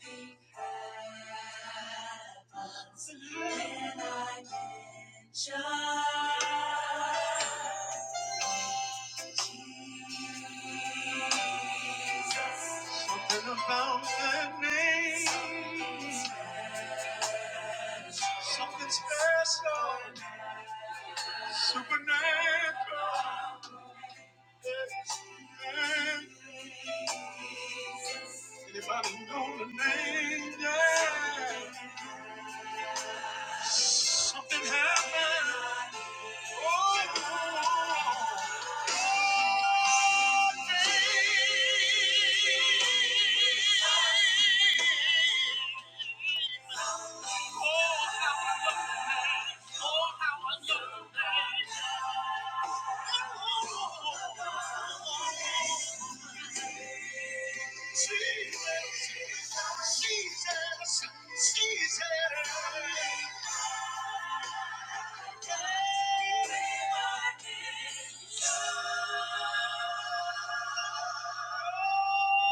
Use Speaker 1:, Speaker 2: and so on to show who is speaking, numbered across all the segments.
Speaker 1: Nothing happens when I mention Jesus. Something about that name. Something special, supernatural. Anybody know the name? Yeah. Something happened. Oh. Hey. Oh, Faith. Jesus.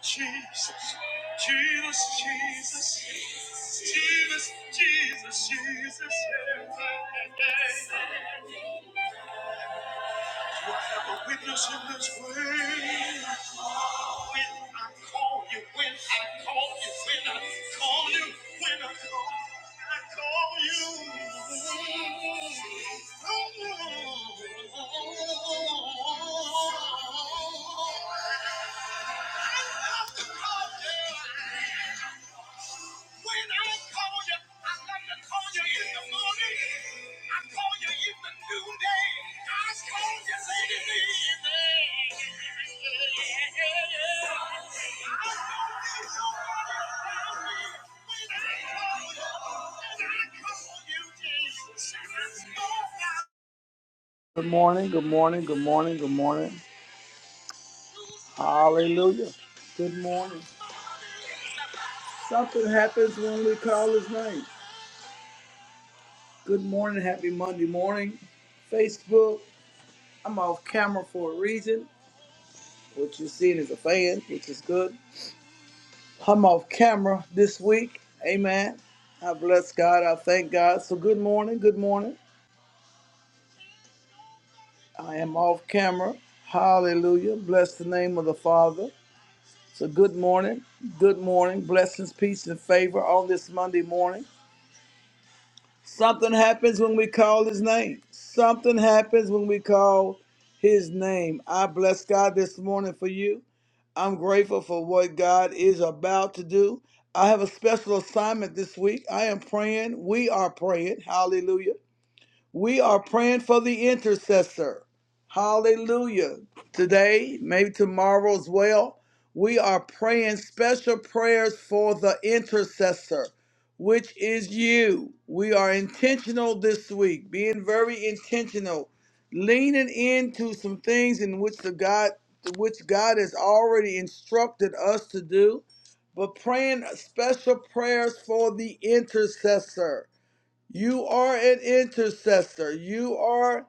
Speaker 1: Jesus, Jesus, Jesus, Jesus, Jesus, Jesus. Will have a witness in this way. When I call you, when I call you, when I call you, when I call you. I call you. Oh yeah. When I call you, I love to call you in the morning. I call you in the noonday. I call you late in the evening. I know there's nobody around me when I call you. And I call you, Jesus. I know now. Good morning, good morning, good morning, good morning. Hallelujah. Good morning. Something happens when we call his name. Good morning, happy Monday morning. Facebook, I'm off camera for a reason. What you're seeing is a fan, which is good. I'm off camera this week. Amen. I bless God. I thank God. So, good morning. Good morning. I am off camera. Hallelujah. Bless the name of the Father. So, good morning. Good morning. Blessings, peace, and favor on this Monday morning. Something happens when we call his name. Something happens when we call his name. I bless God this morning for you. I'm grateful for what God is about to do. I have a special assignment this week. I am praying. We are praying. Hallelujah we are praying for the intercessor. Hallelujah. Today, maybe tomorrow as well, we are praying special prayers for the intercessor, which is you. We are intentional this week, being very intentional, leaning into some things in which the God which God has already instructed us to do, but praying special prayers for the intercessor. You are an intercessor. You are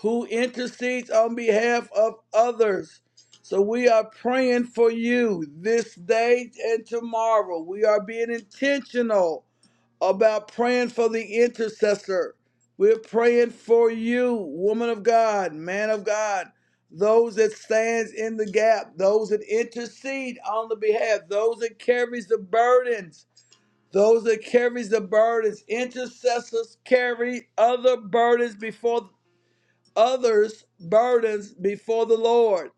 Speaker 1: who intercedes on behalf of others. So we are praying for you this day and tomorrow. We are being intentional about praying for the intercessor. We're praying for you, woman of God, man of God, those that stands in the gap, those that intercede on the behalf, those that carries the burdens those that carries the burdens, intercessors carry other burdens before others burdens before the Lord.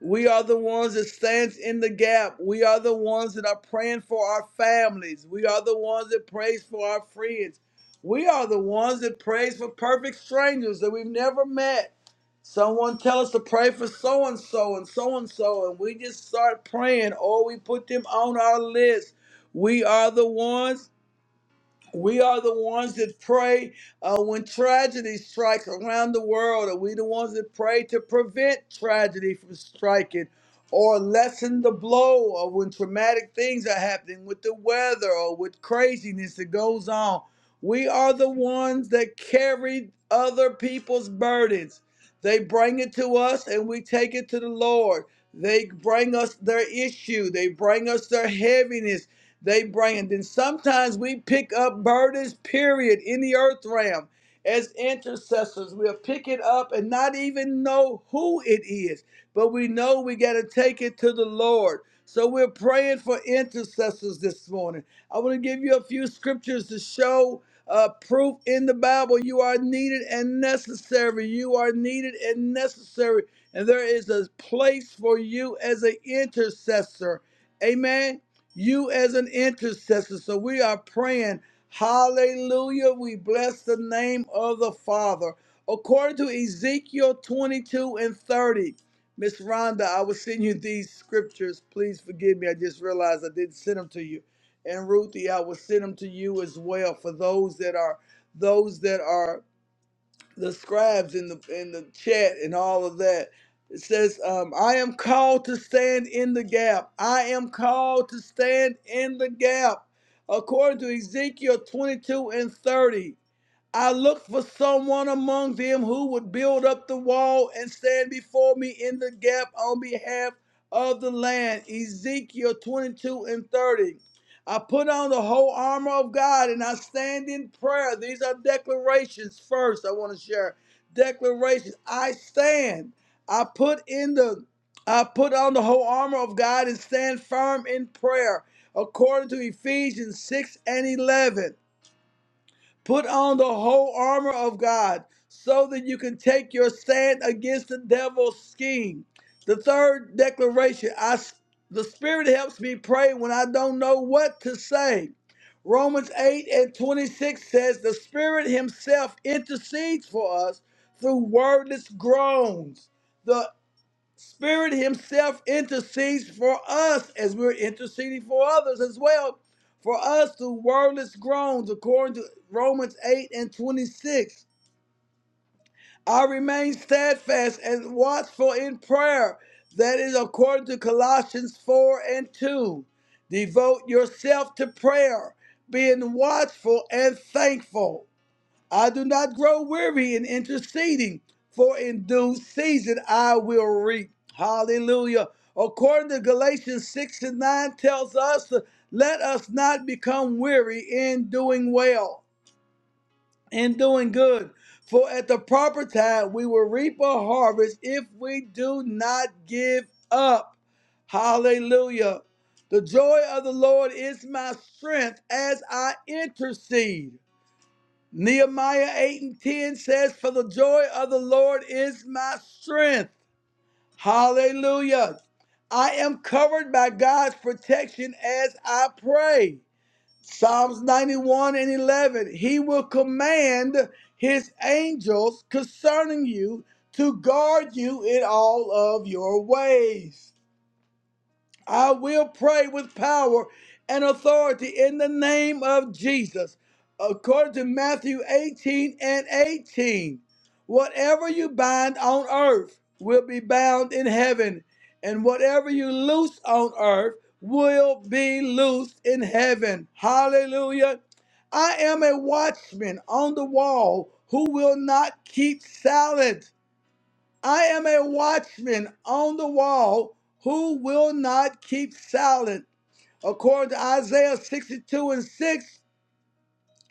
Speaker 1: We are the ones that stands in the gap. We are the ones that are praying for our families. We are the ones that prays for our friends. We are the ones that prays for perfect strangers that we've never met. Someone tell us to pray for so and so and so and so, and we just start praying, or we put them on our list. We are the ones we are the ones that pray uh, when tragedy strikes around the world. Are we the ones that pray to prevent tragedy from striking or lessen the blow of when traumatic things are happening with the weather or with craziness that goes on? We are the ones that carry other people's burdens. They bring it to us and we take it to the Lord. They bring us their issue. They bring us their heaviness they bring. And then sometimes we pick up burdens, period, in the earth realm as intercessors. We'll pick it up and not even know who it is, but we know we got to take it to the Lord. So we're praying for intercessors this morning. I want to give you a few scriptures to show uh, proof in the Bible. You are needed and necessary. You are needed and necessary. And there is a place for you as an intercessor. Amen you as an intercessor. So we are praying. Hallelujah. We bless the name of the Father. According to Ezekiel 22 and 30, Miss Rhonda, I will send you these scriptures. Please forgive me. I just realized I didn't send them to you. And Ruthie, I will send them to you as well for those that are those that are the scribes in the in the chat and all of that. It says, um, "I am called to stand in the gap. I am called to stand in the gap." According to Ezekiel 22 and 30, I looked for someone among them who would build up the wall and stand before me in the gap on behalf of the land. Ezekiel 22 and 30. I put on the whole armor of God and I stand in prayer. These are declarations first, I want to share. Declarations. I stand. I put in the I put on the whole armor of God and stand firm in prayer, according to Ephesians 6 and 11. Put on the whole armor of God so that you can take your stand against the devil's scheme. The third declaration I, the Spirit helps me pray when I don't know what to say. Romans 8 and 26 says, The Spirit Himself intercedes for us through wordless groans. Spirit Himself intercedes for us as we're interceding for others as well. For us through wordless groans, according to Romans 8 and 26. I remain steadfast and watchful in prayer. That is according to Colossians 4 and 2. Devote yourself to prayer, being watchful and thankful. I do not grow weary in interceding, for in due season I will reap. Hallelujah. According to Galatians 6 and 9 tells us, let us not become weary in doing well, in doing good. For at the proper time we will reap a harvest if we do not give up. Hallelujah. The joy of the Lord is my strength as I intercede. Nehemiah 8 and 10 says, For the joy of the Lord is my strength. Hallelujah. I am covered by God's protection as I pray. Psalms 91 and 11. He will command his angels concerning you to guard you in all of your ways. I will pray with power and authority in the name of Jesus. According to Matthew 18 and 18, whatever you bind on earth will be bound in heaven, and whatever you loose on earth will be loosed in heaven. Hallelujah. I am a watchman on the wall who will not keep silent. I am a watchman on the wall who will not keep silent. According to Isaiah 62 and 6,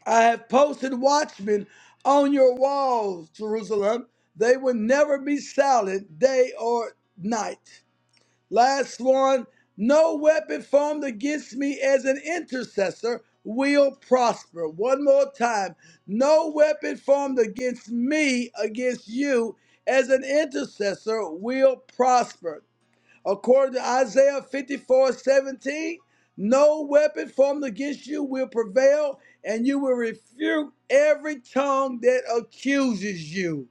Speaker 1: I have posted watchmen on your walls, Jerusalem. They will never be silent day or night. Last one, no weapon formed against me as an intercessor will prosper. One more time, no weapon formed against me, against you, as an intercessor will prosper. According to Isaiah fifty four seventeen, no weapon formed against you will prevail, and you will refute every tongue that accuses you.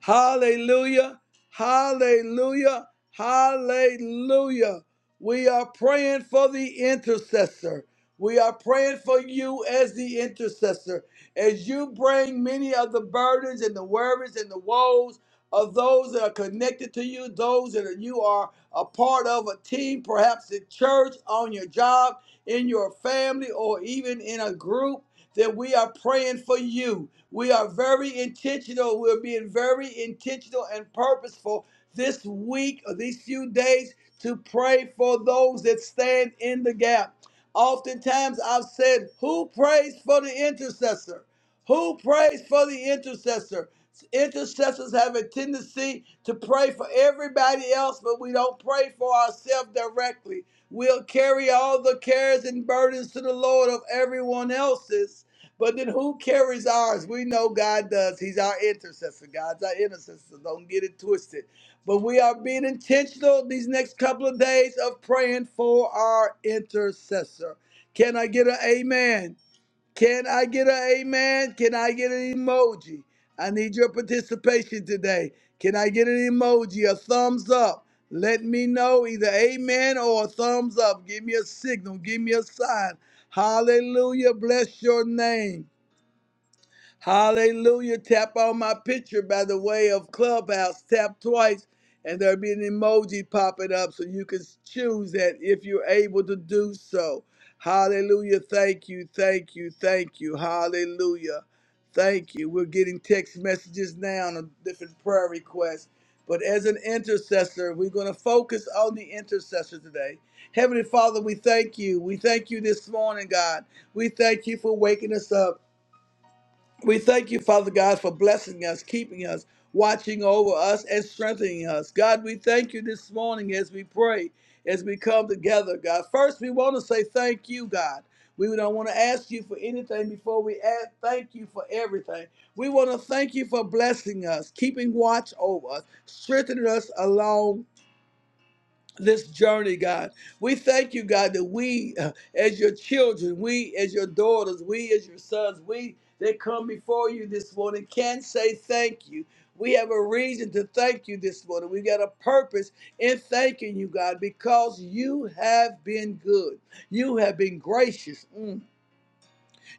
Speaker 1: Hallelujah. Hallelujah. Hallelujah. We are praying for the intercessor. We are praying for you as the intercessor. As you bring many of the burdens and the worries and the woes of those that are connected to you, those that are, you are a part of a team, perhaps at church, on your job, in your family, or even in a group that we are praying for you. We are very intentional. We're being very intentional and purposeful this week or these few days to pray for those that stand in the gap. Oftentimes I've said, Who prays for the intercessor? Who prays for the intercessor? Intercessors have a tendency to pray for everybody else, but we don't pray for ourselves directly. We'll carry all the cares and burdens to the Lord of everyone else's. But then who carries ours? We know God does. He's our intercessor. God's our intercessor. Don't get it twisted. But we are being intentional these next couple of days of praying for our intercessor. Can I get an amen? Can I get an amen? Can I get an emoji? I need your participation today. Can I get an emoji, a thumbs up? Let me know either amen or a thumbs up. Give me a signal, give me a sign. Hallelujah. Bless your name. Hallelujah. Tap on my picture by the way of Clubhouse. Tap twice, and there'll be an emoji popping up so you can choose that if you're able to do so. Hallelujah. Thank you. Thank you. Thank you. Hallelujah. Thank you. We're getting text messages now on different prayer requests. But as an intercessor, we're going to focus on the intercessor today. Heavenly Father, we thank you. We thank you this morning, God. We thank you for waking us up. We thank you, Father God, for blessing us, keeping us, watching over us, and strengthening us. God, we thank you this morning as we pray, as we come together, God. First, we want to say thank you, God. We don't want to ask you for anything before we ask, thank you for everything. We want to thank you for blessing us, keeping watch over us, strengthening us along this journey, God. We thank you, God, that we, uh, as your children, we, as your daughters, we, as your sons, we that come before you this morning can say thank you. We have a reason to thank you this morning. We got a purpose in thanking you, God, because you have been good. You have been gracious. Mm.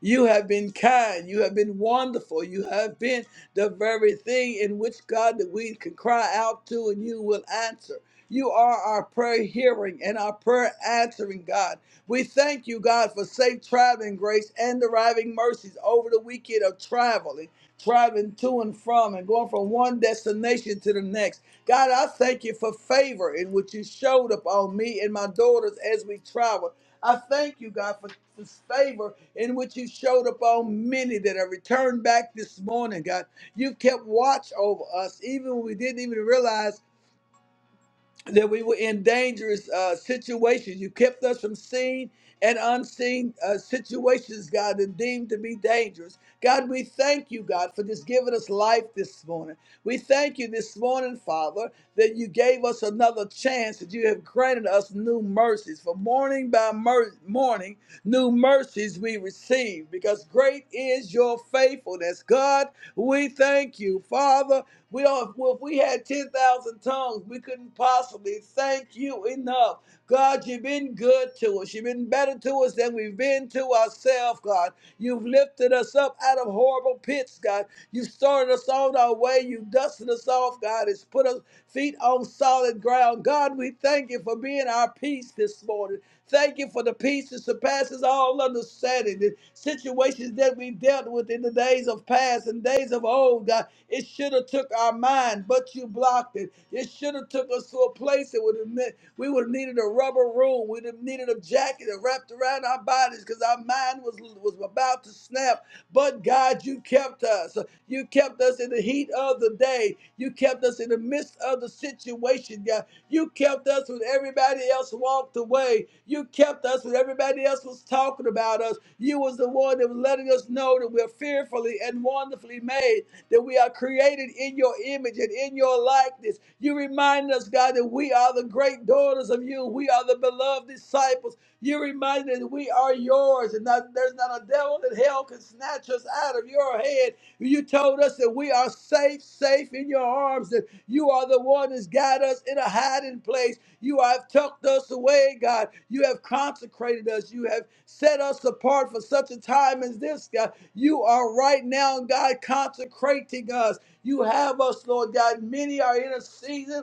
Speaker 1: You have been kind. You have been wonderful. You have been the very thing in which God that we can cry out to and you will answer. You are our prayer hearing and our prayer answering God. We thank you, God, for safe traveling grace and deriving mercies over the weekend of traveling, traveling to and from, and going from one destination to the next. God, I thank you for favor in which you showed up on me and my daughters as we traveled. I thank you, God, for this favor in which you showed upon many that have returned back this morning, God. You've kept watch over us, even when we didn't even realize that we were in dangerous uh, situations. You kept us from seen and unseen uh, situations, God, and deemed to be dangerous. God, we thank you, God, for just giving us life this morning. We thank you this morning, Father, that you gave us another chance, that you have granted us new mercies. For morning by mer- morning, new mercies we receive, because great is your faithfulness, God. We thank you, Father. We are, well, if we had 10,000 tongues, we couldn't possibly thank you enough. God, you've been good to us. You've been better to us than we've been to ourselves, God. You've lifted us up out of horrible pits, God. You've started us on our way. You've dusted us off, God. It's put us feet on solid ground. God, we thank you for being our peace this morning. Thank you for the peace that surpasses all understanding. The situations that we dealt with, in in the days of past and days of old, God. It should have took our mind, but you blocked it. It should have took us to a place that would have meant we would have needed a rubber room. We'd have needed a jacket that wrapped around our bodies because our mind was was about to snap. But God, you kept us. You kept us in the heat of the day. You kept us in the midst of the situation, God. You kept us when everybody else walked away. You kept us when everybody else was talking about us. You was the one that was letting us know that we're fearfully and wonderfully made, that we are created in your image and in your likeness. You remind us, God, that we are the great daughters of you. We are the beloved disciples. You remind us that we are yours and that there's not a devil in hell can snatch us out of your hand. You told us that we are safe, safe in your arms, that you are the one that's got us in a hiding place. You have tucked us away, God. You have consecrated us. You have set us apart for such a time as this, God. You are right now, God, consecrating us. You have us, Lord God. Many are in a season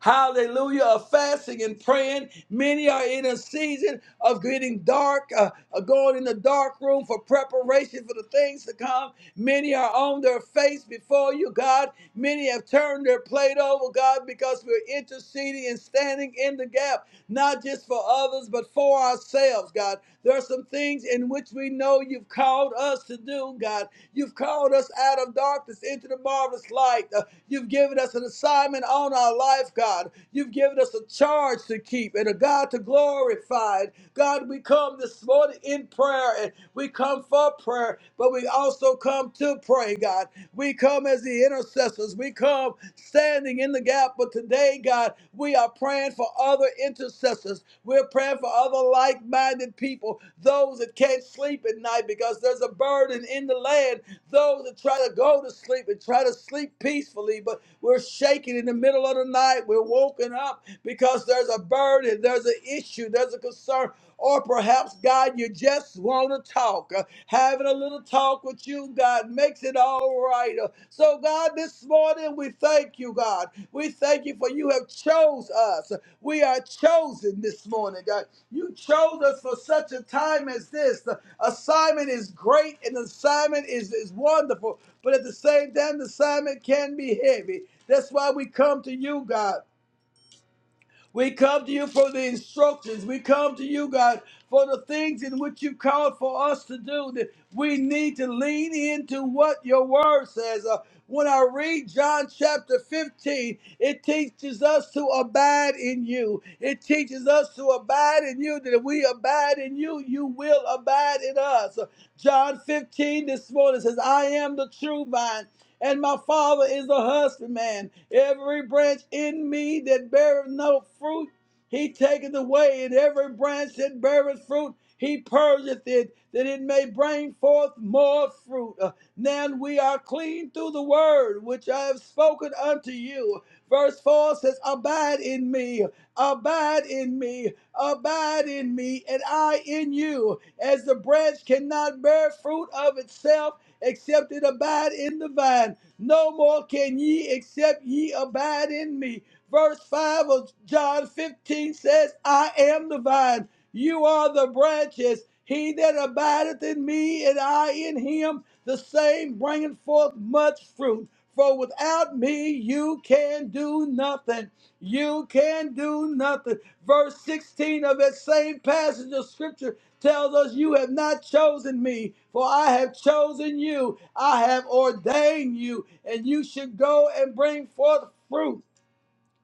Speaker 1: Hallelujah. Of fasting and praying. Many are in a season of getting dark, uh, uh, going in the dark room for preparation for the things to come. Many are on their face before you, God. Many have turned their plate over, God, because we're interceding and standing in the gap, not just for others, but for ourselves, God. There are some things in in which we know you've called us to do, God. You've called us out of darkness into the marvelous light. Uh, You've given us an assignment on our life, God. You've given us a charge to keep and a God to glorify. God, we come this morning in prayer and we come for prayer, but we also come to pray, God. We come as the intercessors. We come come standing in the gap. But today, God, we are praying for other intercessors. We're praying for other like minded people, those that can't sleep at night because there's a burden in the land, those that try to go to sleep and try to sleep peacefully, but we're shaking in the middle of the night. We're woken up because there's a burden, there's an issue, there's a concern. Or perhaps, God, you just want to talk. Uh, Having a little talk with you, God, makes it all right. Uh, So, God, this morning we thank you, God. We thank you for you have chose us. We are chosen this morning, God. You chose us for such a time as this. The assignment is great and the assignment is, is wonderful, but at the same time, the assignment can be heavy. That's why we come to you, God. We come to you for the instructions. We come to you, God, for the things in which you called for us to do. That we need to lean into what your word says. Uh, when I read John chapter 15, it teaches us to abide in you. It teaches us to abide in you, that if we abide in you, you will abide in us. John 15 this morning says, I am the true vine and my Father is the husbandman. Every branch in me that beareth no fruit, he taketh away. And every branch that beareth fruit, he purgeth it, that it may bring forth more fruit. Uh, Now we are clean through the word which I have spoken unto you. Verse 4 says, Abide in me, abide in me, abide in me, and I in you. As the branch cannot bear fruit of itself, except it abide in the vine. No more can ye except ye abide in me. Verse 5 of John 15 says, I am the vine, you are the branches. He that abideth in me and I in him, the same bringeth forth much fruit. For without me you can do nothing. You can do nothing. Verse 16 of that same passage of scripture tells us, You have not chosen me, for I have chosen you. I have ordained you, and you should go and bring forth fruit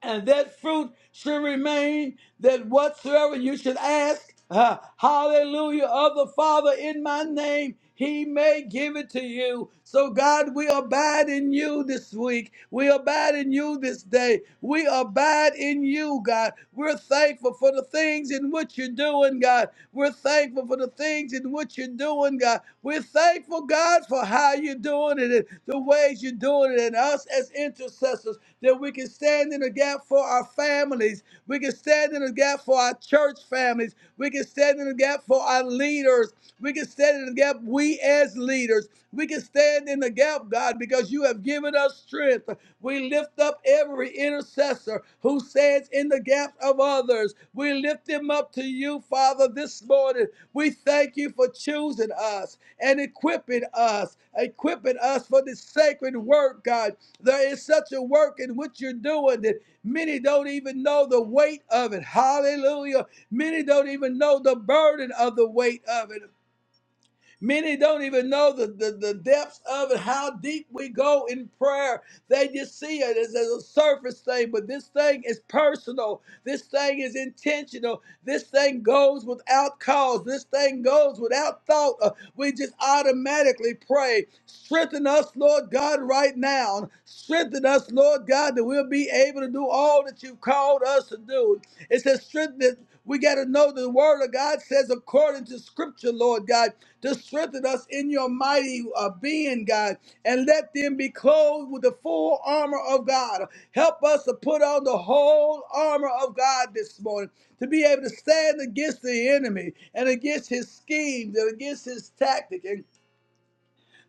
Speaker 1: and that fruit should remain that whatsoever you should ask uh, hallelujah of the father in my name he may give it to you so god we abide in you this week we abide in you this day we abide in you god we're thankful for the things in which you're doing god we're thankful for the things in which you're doing god we're thankful grateful, God, for how you're doing it and the ways you're doing it, and us as intercessors, that we can stand in the gap for our families. We can stand in the gap for our church families. We can stand in the gap for our leaders. We can stand in the gap, we as leaders. We can stand in the gap, God, because you have given us strength. We lift up every intercessor. Father, who stands in the gap of others. We lift him up to you, Father, this morning. We thank you for choosing us and equipping us, equipping us for this sacred work, God. There is such a work in what you're doing that many don't even know the weight of it. Hallelujah. Many don't even know the burden of the weight of it. Many don't even know the, the, the depths of it, how deep we go in prayer. They just see it as, as a surface thing, but this thing is personal. This thing is intentional. This thing goes without cause. This thing goes without thought. Uh, we just automatically pray. Strengthen us, Lord God, right now. Strengthen us, Lord God, that we'll be able to do all that you've called us to do. It says, strengthen. it. We got to know the word of God says according to scripture, Lord God to strengthen us in your mighty uh, being, God, and let them be clothed with the full armor of God. Help us to put on the whole armor of God this morning to be able to stand against the enemy and against his schemes and against his tactic and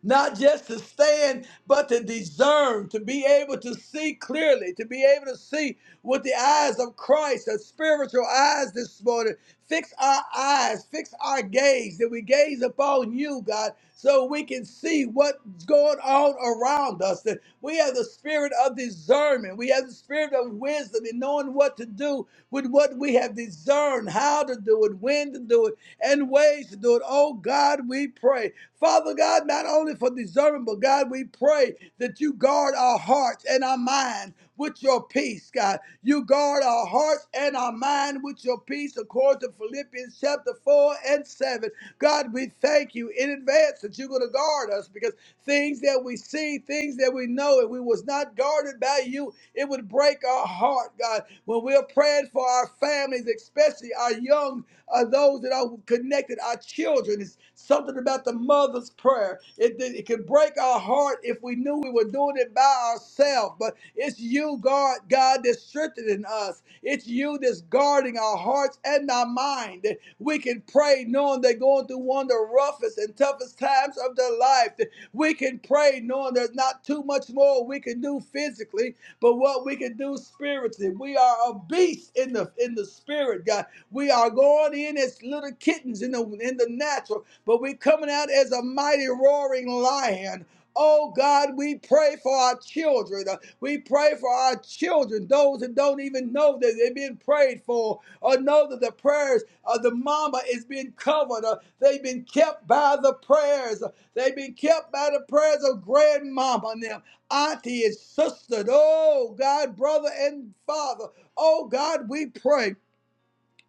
Speaker 1: not just to stand, but to discern, to be able to see clearly, to be able to see with the eyes of Christ, the spiritual eyes this morning. Fix our eyes, fix our gaze, that we gaze upon you, God, so we can see what's going on around us. That we have the spirit of discernment, we have the spirit of wisdom in knowing what to do with what we have discerned, how to do it, when to do it and ways to do it. Oh God, we pray. Father God, not only for discernment, but God, we pray that you guard our hearts and our minds with your peace, God. You guard our hearts and our mind with your peace, according to Philippians chapter 4 and 7. God, we thank you in advance that you're going to guard us because things that we see, things that we know, if we was not guarded by you, it would break our heart, God. When we're praying for our families, especially our young uh, those that are connected, our children. It's something about the mother's prayer. It, it, it can break our heart if we knew we were doing it by ourselves, but it's you, God, God, that's strengthening us. It's you that's guarding our hearts and our mind. That We can pray knowing they're going through one of the roughest and toughest times of their life. That We can pray knowing there's not too much more we can do physically, but what we can do spiritually. We are a beast in the in the spirit, God. We are going in as little kittens in the in the natural, but we're coming out as a mighty roaring lion. Oh God, we pray for our children. Uh, We pray for our children, those that don't even know that they've been prayed for or know that the prayers of the mama is being covered. Uh, They've been kept by the prayers. Uh, They've been kept by the prayers of grandmama and them, auntie and sister. Oh God, brother and father. Oh God, we pray.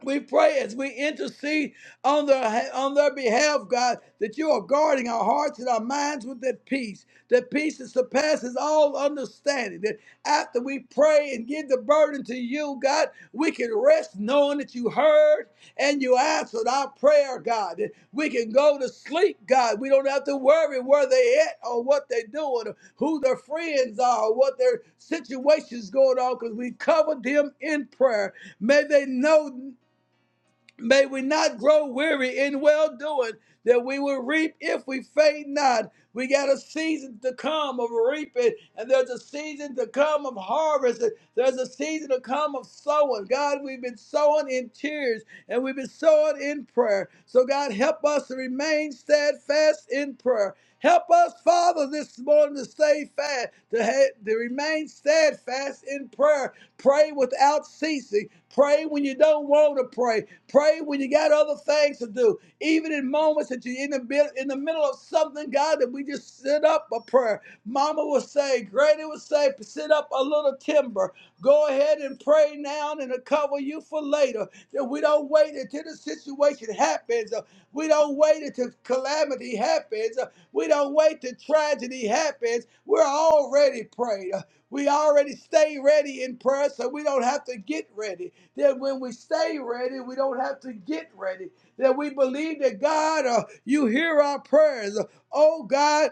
Speaker 1: We pray as we intercede on their, on their behalf, God, that you are guarding our hearts and our minds with that peace, that peace that surpasses all understanding. That after we pray and give the burden to you, God, we can rest knowing that you heard and you answered our prayer, God. That we can go to sleep, God. We don't have to worry where they at or what they're doing, or who their friends are, or what their situation's going on, because we covered them in prayer. May they know. May we not grow weary in well doing, that we will reap if we faint not. We got a season to come of reaping, and there's a season to come of harvest, and there's a season to come of sowing. God, we've been sowing in tears, and we've been sowing in prayer. So, God, help us to remain steadfast in prayer. Help us, Father, this morning to stay fast, to, ha- to remain steadfast in prayer Pray without ceasing. Pray when you don't want to pray. Pray when you got other things to do. Even in moments that you're in the mid- in the middle of something, God, that we just sit up a prayer. Mama would say, Granny would say, sit up a little timber. Go ahead and pray now, and it'll cover you for later. That we don't wait until the situation happens. Uh, We don't wait until calamity happens. Uh, We don't wait till tragedy happens. We're already prayed. We already stay ready in prayer, so we don't have to get ready. Then when we stay ready, we don't have to get ready. That we believe that God, uh, you hear our prayers. Oh God,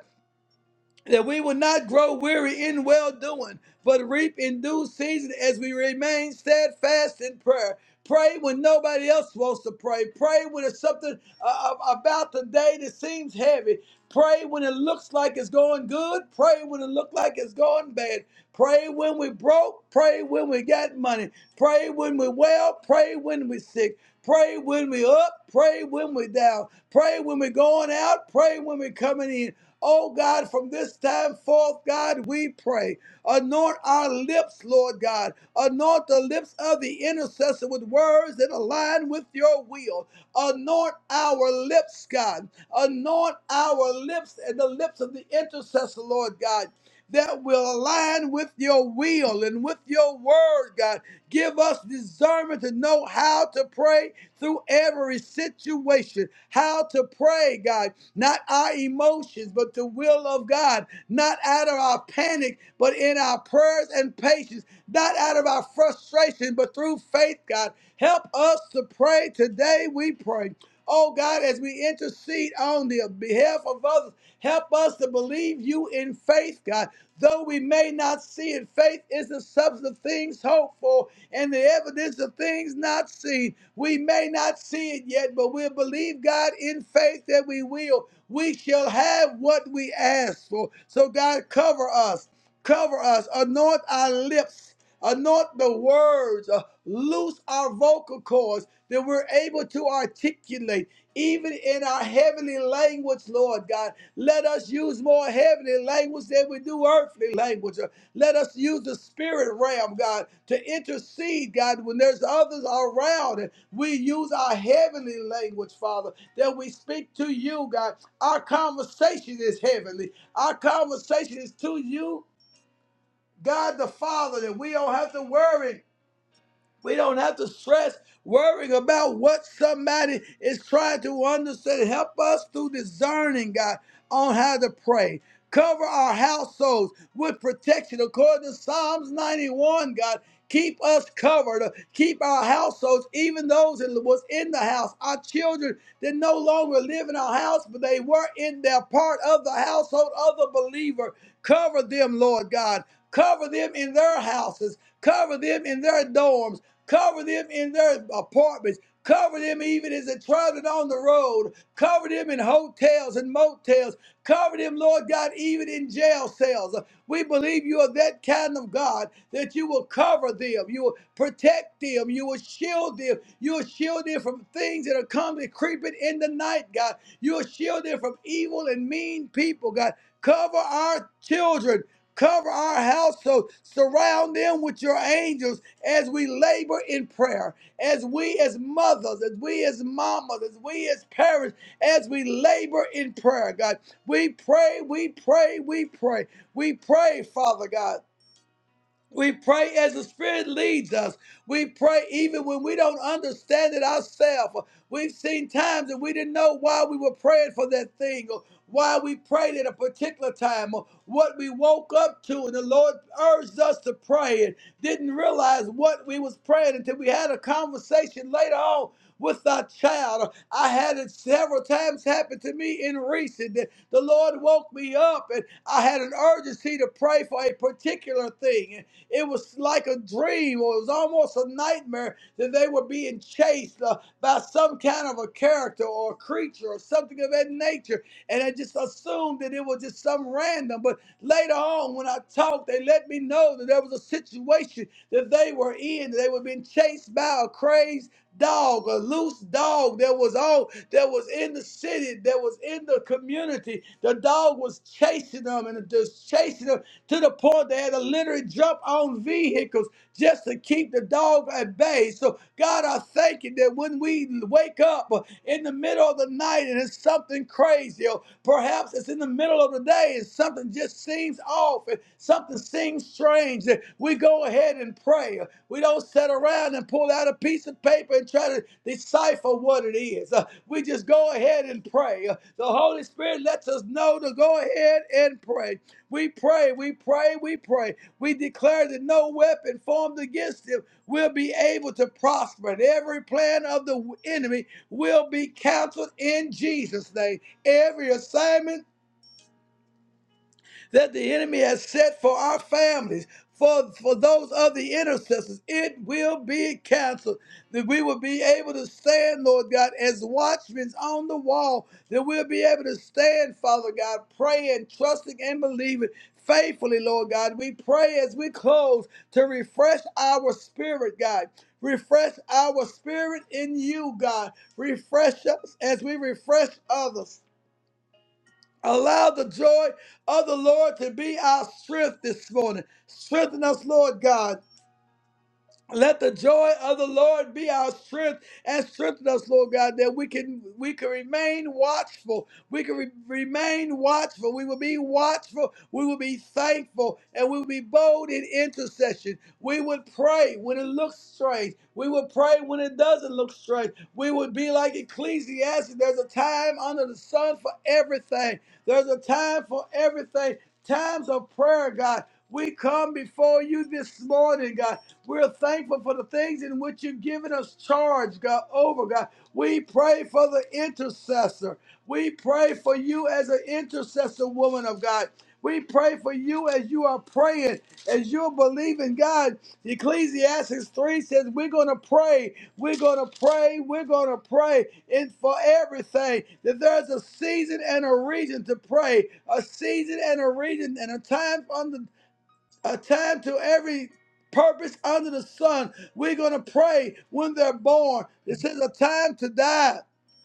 Speaker 1: that we will not grow weary in well doing, but reap in due season as we remain steadfast in prayer. Pray when nobody else wants to pray. Pray when it's something uh, uh, about the day that seems heavy. Pray when it looks like it's going good. Pray when it looks like it's going bad. Pray when we broke. Pray when we got money. Pray when we well. Pray when we sick. Pray when we up. Pray when we down. Pray when we going out. Pray when we coming in. Oh God, from this time forth, God, we pray. Anoint our lips, Lord God. Anoint the lips of the intercessor with words that align with your will. Anoint our lips, God. Anoint our lips and the lips of the intercessor, Lord God that will align with your will and with your word, God. Give us discernment to know how to pray through every situation, how to pray, God, not our emotions, but the will of God, not out of our panic, but in our prayers and patience, not out of our frustration, but through faith, God. Help us to pray today, we pray. Oh God, as we intercede on the behalf of others, help us to believe you in faith, God. Though we may not see it, faith is the substance of things hoped for and the evidence of things not seen. We may not see it yet, but we'll believe God in faith that we will. We shall have what we ask for. So, God, cover us, cover us, anoint our lips Anoint the words, uh, loose our vocal cords that we're able to articulate, even in our heavenly language, Lord God. Let us use more heavenly language than we do earthly language. Uh, Let us use the spirit realm, God, to intercede, God, when there's others around. And we use our heavenly language, Father, that we speak to you, God. Our conversation is heavenly, our conversation is to you God the Father, that we don't have to worry we don't have to stress worrying about what somebody is trying to understand. Help us through discerning, God, on how to pray. Cover our households with protection according to Psalms 91, God. Keep us covered. Keep our households, even those that was in the house, our children that no longer live in our house, but they were in their part of the household of the believer. Cover them, Lord God. Cover them in their houses. Cover them in their dorms Cover them in their apartments. Cover them even as they're traveling on the road. Cover them in hotels and motels. Cover them, Lord God, even in jail cells. We believe you are that kind of God that you will cover them, you will protect them, you will shield them, you will shield them from things that are coming creeping in the night, God. You will shield them from evil and mean people, God. Cover our children. Cover our household. Surround them with your angels as we labor in prayer, as we as mothers, as we as mamas, as we as parents, as we labor in prayer, God. We pray, we pray, we pray. We pray, Father God. We pray as the Spirit leads us. We pray even when we don't understand it ourselves. We've seen times that we didn't know why we were praying for that thing, or why we prayed at a particular time, or what we woke up to, and the Lord urged us to pray and didn't realize what we was praying until we had a conversation later on with our child. I had it several times happen to me in recent that the Lord woke me up and I had an urgency to pray for a particular thing. It was like a dream, or it was almost a nightmare that they were being chased uh, by some kind of a character or a creature or something of that nature. And I just assumed that it was just some random. But later on, when I talked, they let me know that there was a situation that they were in. They were being chased by a crazed dog, a loose dog that was all that was in the city, that was in the community. The dog was chasing them and just chasing them to the point they had to literally jump on vehicles just to keep the dog at bay. So, God, I thank you that when we wake up in the middle of the night and it's something crazy, or perhaps it's in the middle of the day and something just seems off and something seems strange, that we go ahead and pray. We don't sit around and pull out a piece of paper and try to decipher what it is. Uh, we just go ahead and pray. Uh, the Holy Spirit lets us know to go ahead and pray. We pray, we pray, we pray. We declare that no weapon formed against him will be able to prosper. And every plan of the enemy will be canceled in Jesus' name. Every assignment that the enemy has set for our families, for, for those of the intercessors, it will be canceled. That we will be able to stand, Lord God, as watchmen on the wall, that we'll be able to stand, Father God, praying, trusting, and believing faithfully, Lord God. We pray as we close to refresh our spirit, God. Refresh our spirit in you, God. Refresh us as we refresh others. Allow the joy of the Lord to be our strength this morning. Strengthen us, Lord God. Let the joy of the Lord be our strength and strengthen us, Lord God, that we can we can remain watchful. We can re- remain watchful. We will be watchful. We will be thankful, and we will be bold in intercession. We would pray when it looks strange. We would pray when it doesn't look strange. We would be like Ecclesiastes. There's a time under the sun for everything. There's a time for everything. Times of prayer, God. We come before you this morning, God. We're thankful for the things in which you've given us charge, God, over, God. We pray for the intercessor. We pray for you as an intercessor, woman of God. We pray for you as you are praying, as you're believing God. Ecclesiastes 3 says, We're going to pray, we're going to pray, we're going to pray in for everything. That there's a season and a reason to pray, a season and a reason, and a time under a time to every purpose under the sun. We're going to pray when they're born. It says a time to die,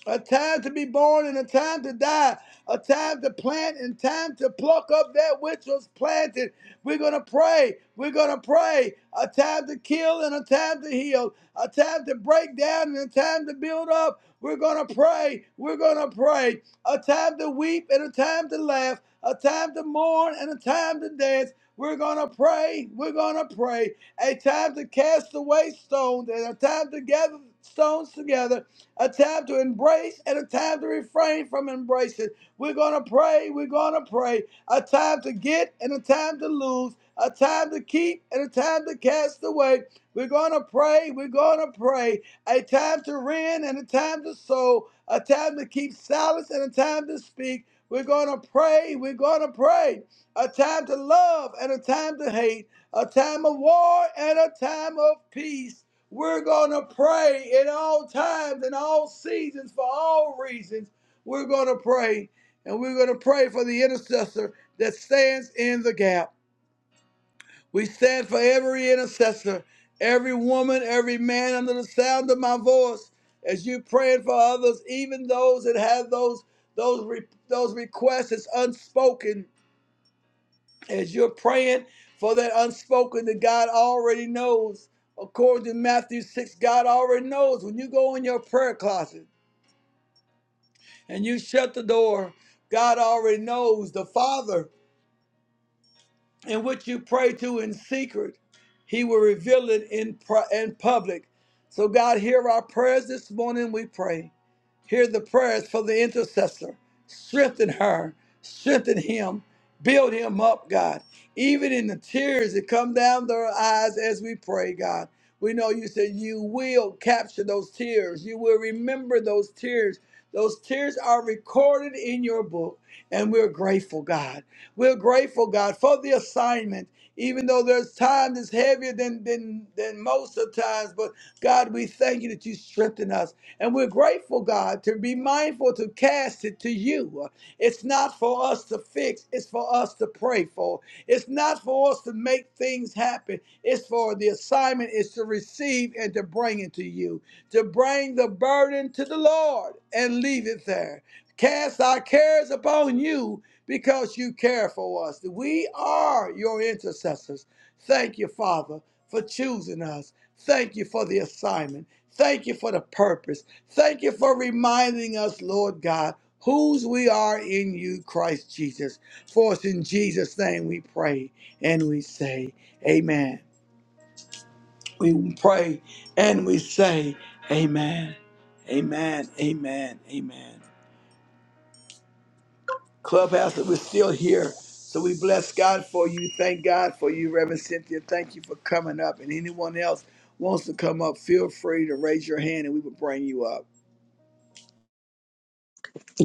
Speaker 1: a time to be born, and a time to die, a time to plant, and time to pluck up that which was planted. We're going to pray. We're going to pray. A time to kill and a time to heal, a time to break down and a time to build up. We're going to pray. We're going to pray. A time to weep and a time to laugh, a time to mourn and a time to dance. We're going to pray. We're going to pray. A time to cast away stones and a time to gather stones together, a time to embrace and a time to refrain from embracing. We're going to pray. We're going to pray. A time to get and a time to lose, a time to keep and a time to cast away. We're going to pray. We're going to pray. A time to rend and a time to sow, a time to keep silence and a time to speak. We're going to pray. We're going to pray a time to love and a time to hate, a time of war and a time of peace. We're going to pray in all times, in all seasons, for all reasons. We're going to pray, and we're going to pray for the intercessor that stands in the gap. We stand for every intercessor, every woman, every man under the sound of my voice. As you praying for others, even those that have those those re- those requests that's unspoken, as you're praying for that unspoken that God already knows. According to Matthew 6, God already knows. When you go in your prayer closet and you shut the door, God already knows. The Father and what you pray to in secret, he will reveal it in, pri- in public. So, God, hear our prayers this morning, we pray. Hear the prayers for the intercessor. Strengthen her, strengthen him, build him up, God. Even in the tears that come down their eyes as we pray, God. We know you said you will capture those tears. You will remember those tears. Those tears are recorded in your book, and we're grateful, God. We're grateful, God, for the assignment. Even though there's times it's heavier than, than than most of the times, but God, we thank you that you strengthen us. And we're grateful, God, to be mindful to cast it to you. It's not for us to fix, it's for us to pray for. It's not for us to make things happen. It's for the assignment is to receive and to bring it to you, to bring the burden to the Lord and leave it there. Cast our cares upon you because you care for us. We are your intercessors. Thank you, Father, for choosing us. Thank you for the assignment. Thank you for the purpose. Thank you for reminding us, Lord God, whose we are in you, Christ Jesus. For it's in Jesus' name we pray and we say, Amen. We pray and we say, Amen. Amen. Amen. Amen. Clubhouse, that we're still here. So we bless God for you. Thank God for you, Reverend Cynthia. Thank you for coming up. And anyone else wants to come up, feel free to raise your hand and we will bring you up.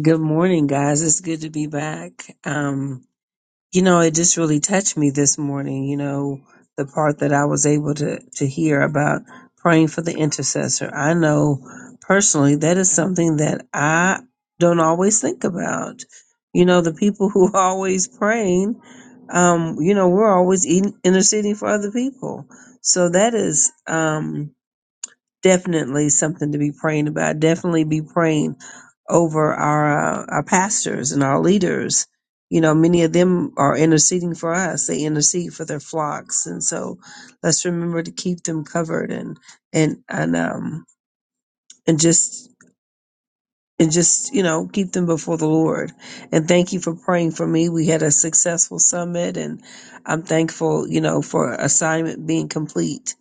Speaker 2: Good morning, guys. It's good to be back. Um, you know, it just really touched me this morning, you know, the part that I was able to, to hear about praying for the intercessor. I know personally that is something that I don't always think about. You know, the people who are always praying, um, you know, we're always in- interceding for other people. So that is, um, definitely something to be praying about. Definitely be praying over our uh, our pastors and our leaders. You know, many of them are interceding for us. They intercede for their flocks, and so let's remember to keep them covered and and and um and just and just you know keep them before the Lord. And thank you for praying for me. We had a successful summit, and I'm thankful you know for assignment being complete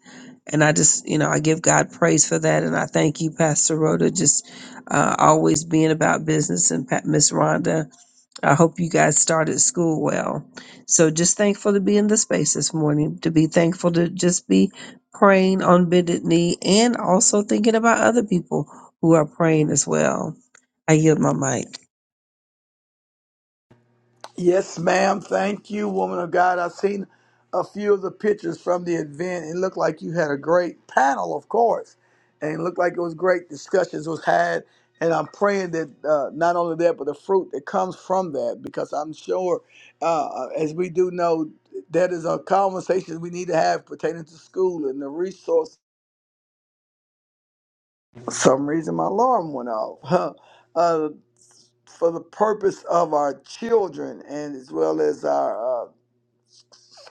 Speaker 2: and I just, you know, I give God praise for that. And I thank you, Pastor Rhoda, just uh, always being about business. And Pat, Miss Rhonda, I hope you guys started school well. So just thankful to be in the space this morning, to be thankful to just be praying on bended knee and also thinking about other people who are praying as well. I yield my mic.
Speaker 1: Yes, ma'am. Thank you, woman of God. I've seen a few of the pictures from the event. It looked like you had a great panel, of course, and it looked like it was great discussions was had. And I'm praying that uh, not only that, but the fruit that comes from that, because I'm sure, uh, uh, as we do know, that is a conversation we need to have pertaining to school and the resource. For some reason, my alarm went off. Huh. uh, for the purpose of our children and as well as our uh,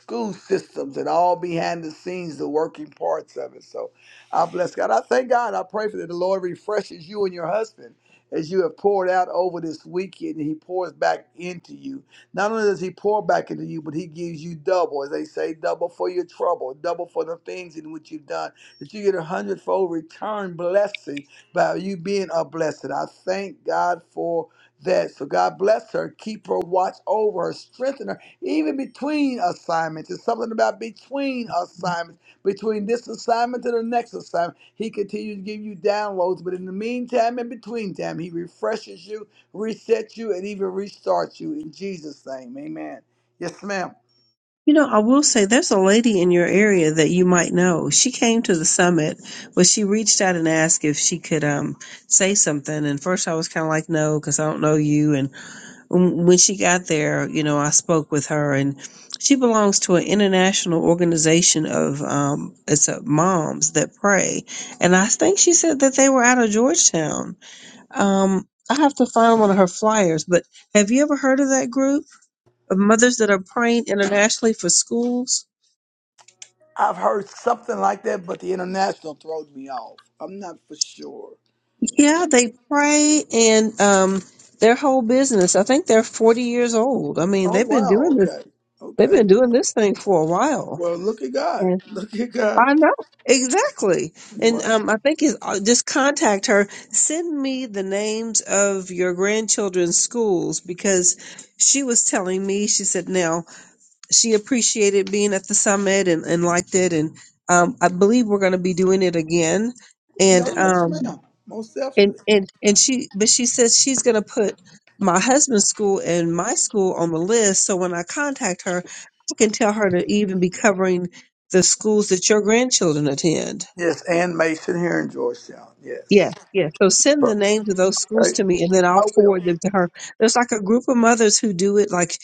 Speaker 1: school systems and all behind the scenes, the working parts of it. So I bless God. I thank God. I pray for that the Lord refreshes you and your husband as you have poured out over this weekend and he pours back into you. Not only does he pour back into you, but he gives you double, as they say, double for your trouble, double for the things in which you've done, that you get a hundredfold return blessing by you being a blessed. I thank God for that. So God bless her, keep her, watch over her, strengthen her. Even between assignments, it's something about between assignments, between this assignment to the next assignment. He continues to give you downloads, but in the meantime and between time, he refreshes you, resets you, and even restarts you in Jesus' name. Amen. Yes, ma'am.
Speaker 2: You know, I will say there's a lady in your area that you might know. She came to the summit, but she reached out and asked if she could um say something. And first I was kind of like, no, because I don't know you. And when when she got there, you know, I spoke with her, and she belongs to an international organization of um it's a moms that pray. And I think she said that they were out of Georgetown. Um, I have to find one of her flyers. But have you ever heard of that group of mothers that are praying internationally for schools?
Speaker 1: I've heard something like that, but the international throws me off. I'm not for sure.
Speaker 2: Yeah, they pray and um their whole business. I think they're 40 years old. I mean,
Speaker 1: Oh
Speaker 2: they've been
Speaker 1: wow,
Speaker 2: doing this
Speaker 1: okay.
Speaker 2: they've
Speaker 1: Okay.
Speaker 2: been doing this thing for a while.
Speaker 1: Well look at God.
Speaker 2: And
Speaker 1: Look at God.
Speaker 2: I know. Exactly. And
Speaker 1: Wow.
Speaker 2: um I think it's, uh, just contact her, send me the names of your grandchildren's schools because she was telling me she said now she appreciated being at the summit and and liked it and um I believe we're going to be doing it again. And
Speaker 1: Yo, yes,
Speaker 2: um
Speaker 1: ma'am. Most
Speaker 2: and
Speaker 1: definitely.
Speaker 2: and and she but she says she's going to put my husband's school and my school on the list so when i contact her i can tell her to even be covering the schools that your grandchildren attend
Speaker 1: Yes, Ann Mason here in Georgetown. Yes.
Speaker 2: yeah yeah so send
Speaker 1: But,
Speaker 2: the names of those schools
Speaker 1: I,
Speaker 2: to me and then i'll
Speaker 1: I will.
Speaker 2: forward them to her there's like a group of mothers who do it like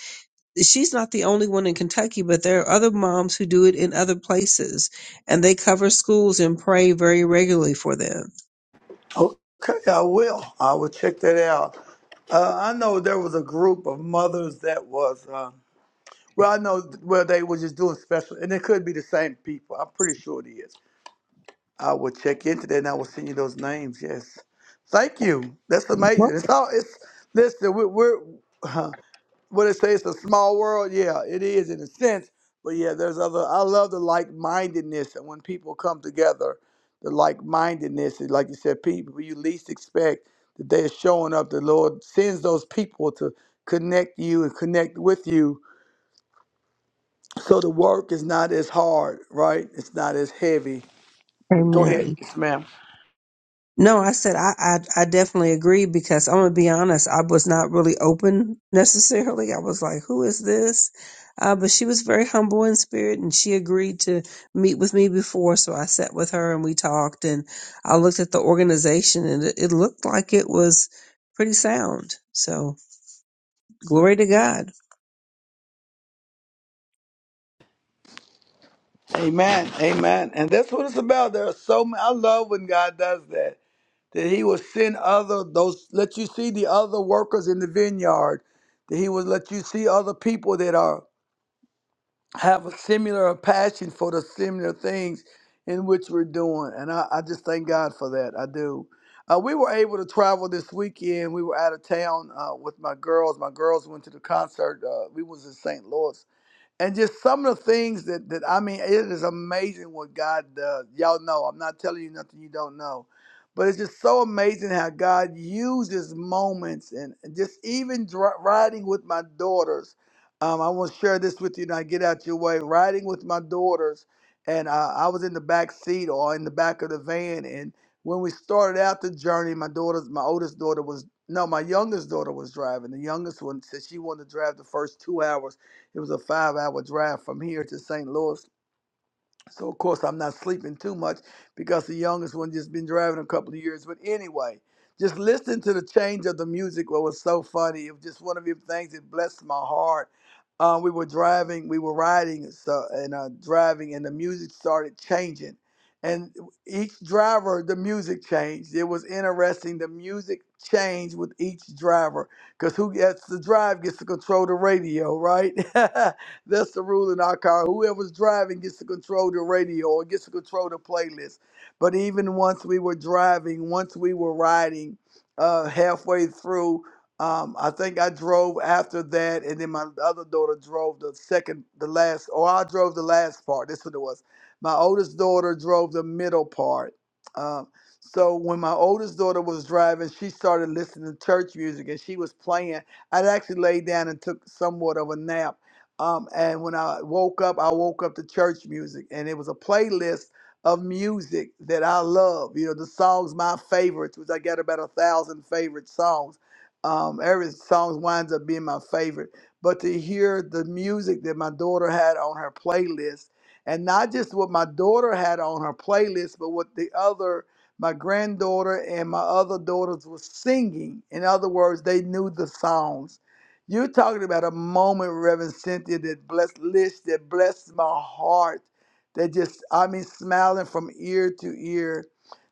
Speaker 2: she's not the only one in kentucky but there are other moms who do it in other places and they cover schools and pray very regularly for them
Speaker 1: Okay, I will. I will check that out. Uh, I know there was a group of mothers that was, uh, well, I know, well, they were just doing special, and it could be the same people. I'm pretty sure it is. I will check into that and I will send you those names. Yes. Thank you. That's
Speaker 2: Well,
Speaker 1: amazing. It's all, it's, listen, we're, we're what it say it's a small world yeah it is in a sense but yeah there's other i love the like-mindedness and when people come together the like-mindedness and like you said people who you least expect that they're showing up the lord sends those people to connect you and connect with you so the work is not as hard right it's not as heavy but go ahead
Speaker 2: amen
Speaker 1: yes, ma'am
Speaker 2: No, I said I, I I definitely agree because I'm gonna be honest, I was not really open necessarily. I was like, "Who is this?" Uh, but she was very humble in spirit, and she agreed to meet with me before. So I sat with her and we talked, and I looked at the organization, and it, it looked like it was pretty sound. So glory to God.
Speaker 1: amen amen and that's what it's about there are so many i love when god does that that he will send other those let you see the other workers in the vineyard that he will let you see other people that are have a similar passion for the similar things in which we're doing and i, I just thank god for that i do uh, we were able to travel this weekend we were out of town uh, with my girls my girls went to the concert uh, we was in st louis and just some of the things that, that I mean, it is amazing what God does. Y'all know, I'm not telling you nothing you don't know, but it's just so amazing how God uses moments and and just even dri riding with my daughters. Um, I want to share this with you, and I get out your way. Riding with my daughters, and uh, I was in the back seat or in the back of the van, and when we started out the journey, my daughters, my oldest daughter was no, my youngest daughter was driving. The youngest one said she wanted to drive the first two hours it was a five hour drive from here to St. Louis. So, of course, I'm not sleeping too much because the youngest one just been driving a couple of years. But anyway, just listening to the change of the music what was so funny. It was just one of the things that blessed my heart. Uh, we were driving, we were riding so, and uh, driving, and the music started changing. And each driver, the music changed. It was interesting. The music changed with each driver because who gets to drive gets to control the radio, right? That's the rule in our car. Whoever's driving gets to control the radio or gets to control the playlist. But even once we were driving, once we were riding, uh, halfway through, um, I think I drove after that, and then my other daughter drove the second, the last, or I drove the last part. That's what it was. My oldest daughter drove the middle part. Um, so when my oldest daughter was driving, she started listening to church music, and she was playing. I'd actually laid down and took somewhat of a nap um, and when I woke up, I woke up to church music, and it was a playlist of music that I love. You know, the songs my favorites, which I got about a thousand favorite songs. Um, every song winds up being my favorite. But to hear the music that my daughter had on her playlist, and not just what my daughter had on her playlist, but what the other my granddaughter and my other daughters were singing. In other words, they knew the songs you're talking about a moment, Reverend Cynthia, that blessed Lish, that blessed my heart, that just, I mean, smiling from ear to ear.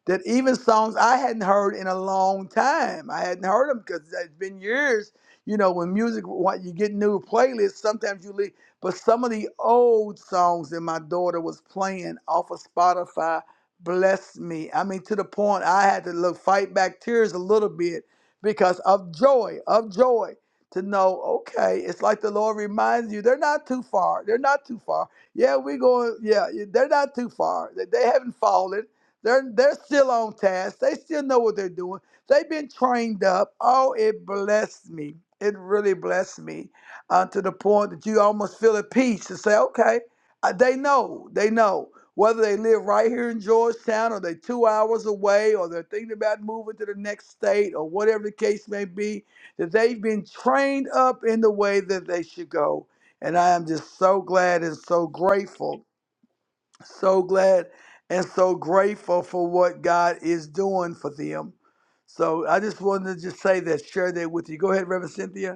Speaker 1: That even songs I hadn't heard in a long time. I hadn't heard them because it's been years. You know, when music, when you get new playlists, sometimes you leave. But some of the old songs that my daughter was playing off of Spotify blessed me. I mean, to the point I had to look, fight back tears a little bit because of joy, of joy to know, okay, it's like the Lord reminds you, they're not too far. They're not too far. Yeah, we are going, yeah, they're not too far. They, they haven't fallen. They're they're still on task. They still know what they're doing. They've been trained up. Oh, it blessed me. It really blessed me uh, to the point that you almost feel at peace to say, okay, uh, they know, they know. Whether they live right here in Georgetown or they're two hours away or they're thinking about moving to the next state or whatever the case may be, that they've been trained up in the way that they should go. And I am just so glad and so grateful, so glad and so grateful for what God is doing for them. So I just wanted to just say that, share that with you. Go ahead, Reverend Cynthia.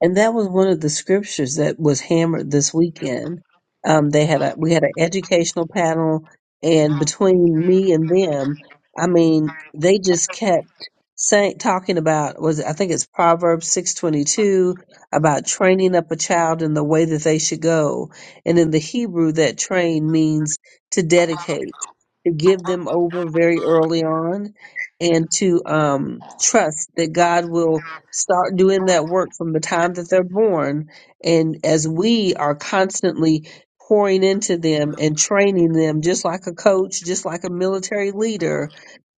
Speaker 2: And that was one of the scriptures that was hammered this weekend. Um, they had a we had an educational panel, and between me and them, I mean, they just kept saying talking about was I think it's Proverbs six twenty two about training up a child in the way that they should go, and in the Hebrew, that train means to dedicate to give them over very early on and to um, trust that God will start doing that work from the time that they're born. And as we are constantly pouring into them and training them, just like a coach, just like a military leader,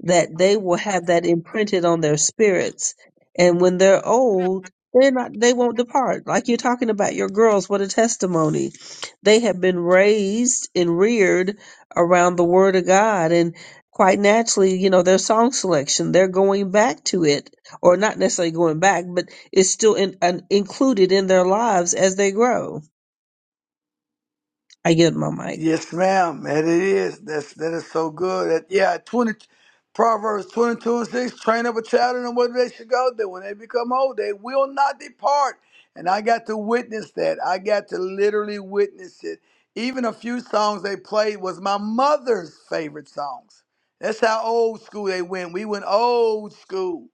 Speaker 2: that they will have that imprinted on their spirits. And when they're old, they're not, they won't depart. Like you're talking about your girls, what a testimony. They have been raised and reared around the word of God. And quite naturally, you know, their song selection, they're going back to it, or not necessarily going back, but it's still in, an, included in their lives as they grow. I get my mic.
Speaker 1: Yes, ma'am. And it is. That's that is so good. That, yeah, twenty Proverbs twenty two and six, train up a child in the way they should go, that when they become old, they will not depart. And I got to witness that. I got to literally witness it. Even a few songs they played was my mother's favorite songs. That's how old school they went. We went old school.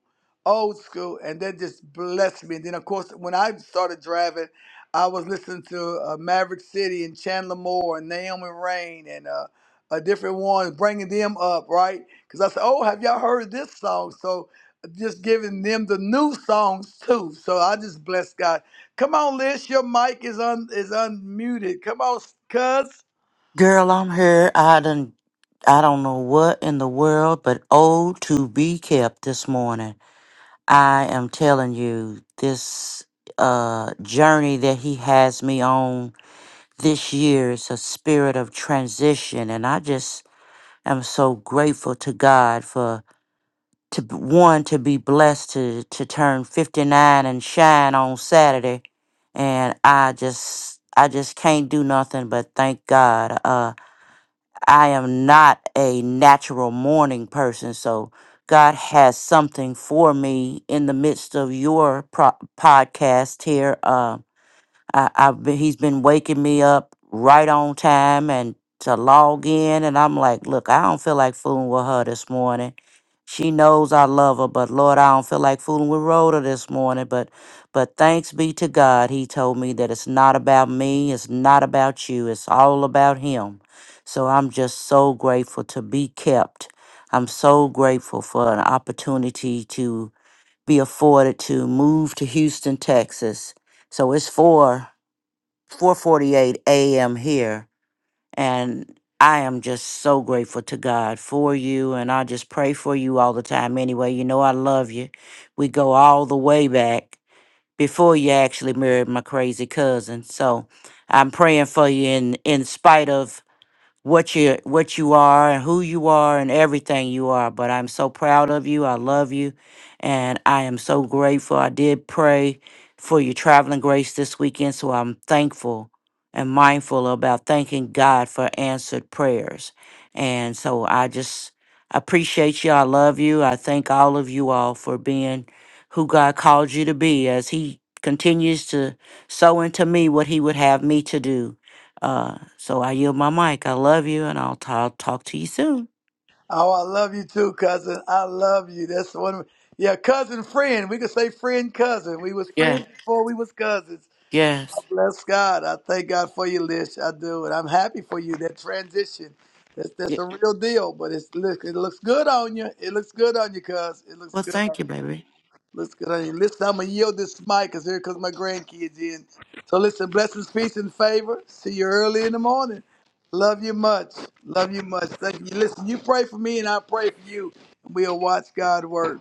Speaker 1: Old school. And that just blessed me. And then of course when I started driving I was listening to uh, Maverick City and Chandler Moore and Naomi Rain and uh, a different one, bringing them up, right? Because I said, "Oh, have y'all heard this song?" So just giving them the new songs too. So I just bless God. Come on, Liz, your mic is un is unmuted. Come on, cuz.
Speaker 3: Girl, I'm here. I done, I don't know what in the world, but oh, to be kept this morning. I am telling you, this uh journey that he has me on this year is a spirit of transition, and I just am so grateful to God for to b- one to be blessed to to turn fifty nine and shine on Saturday, and I just I just can't do nothing but thank God. Uh, I am not a natural morning person. So God has something for me in the midst of your pro- podcast here. Um, I, I've been, he's been waking me up right on time and to log in, and I'm like, look, I don't feel like fooling with her this morning. She knows I love her, but Lord, I don't feel like fooling with Rhoda this morning. But, but thanks be to God, He told me that it's not about me, it's not about you, it's all about Him. So I'm just so grateful to be kept. I'm so grateful for an opportunity to be afforded to move to Houston, Texas. So it's four. 4:48 a.m. here and I am just so grateful to God for you and I just pray for you all the time anyway. You know I love you. We go all the way back before you actually married my crazy cousin. So I'm praying for you in in spite of what you what you are and who you are and everything you are. But I'm so proud of you. I love you, and I am so grateful. I did pray for your traveling grace this weekend, so I'm thankful and mindful about thanking God for answered prayers. And so I just appreciate you. I love you. I thank all of you all for being who God called you to be as He continues to sow into me what He would have me to do uh, so I yield my mic. I love you, and I'll, t- I'll talk to you soon.
Speaker 1: Oh, I love you too, cousin. I love you. That's one. Of, yeah, cousin, friend. We could say friend, cousin. We was
Speaker 3: Yeah,
Speaker 1: friends before we was cousins.
Speaker 3: yes.
Speaker 1: Bless God. I thank God for you, Lish. I do. And I'm happy for you. That transition. That's that's
Speaker 3: Yeah.
Speaker 1: a real deal. But it's look, it looks good on you. It looks good on you, cuz. It looks
Speaker 3: Well,
Speaker 1: good on
Speaker 3: thank you,
Speaker 1: you.
Speaker 3: baby.
Speaker 1: Looks good on you. Listen, I'm gonna yield this mic because here comes my grandkids in. So listen, blessings, peace, and favor. See you early in the morning. Love you much. Love you much. Thank you. Listen, you pray for me and I pray for you. We'll watch God work.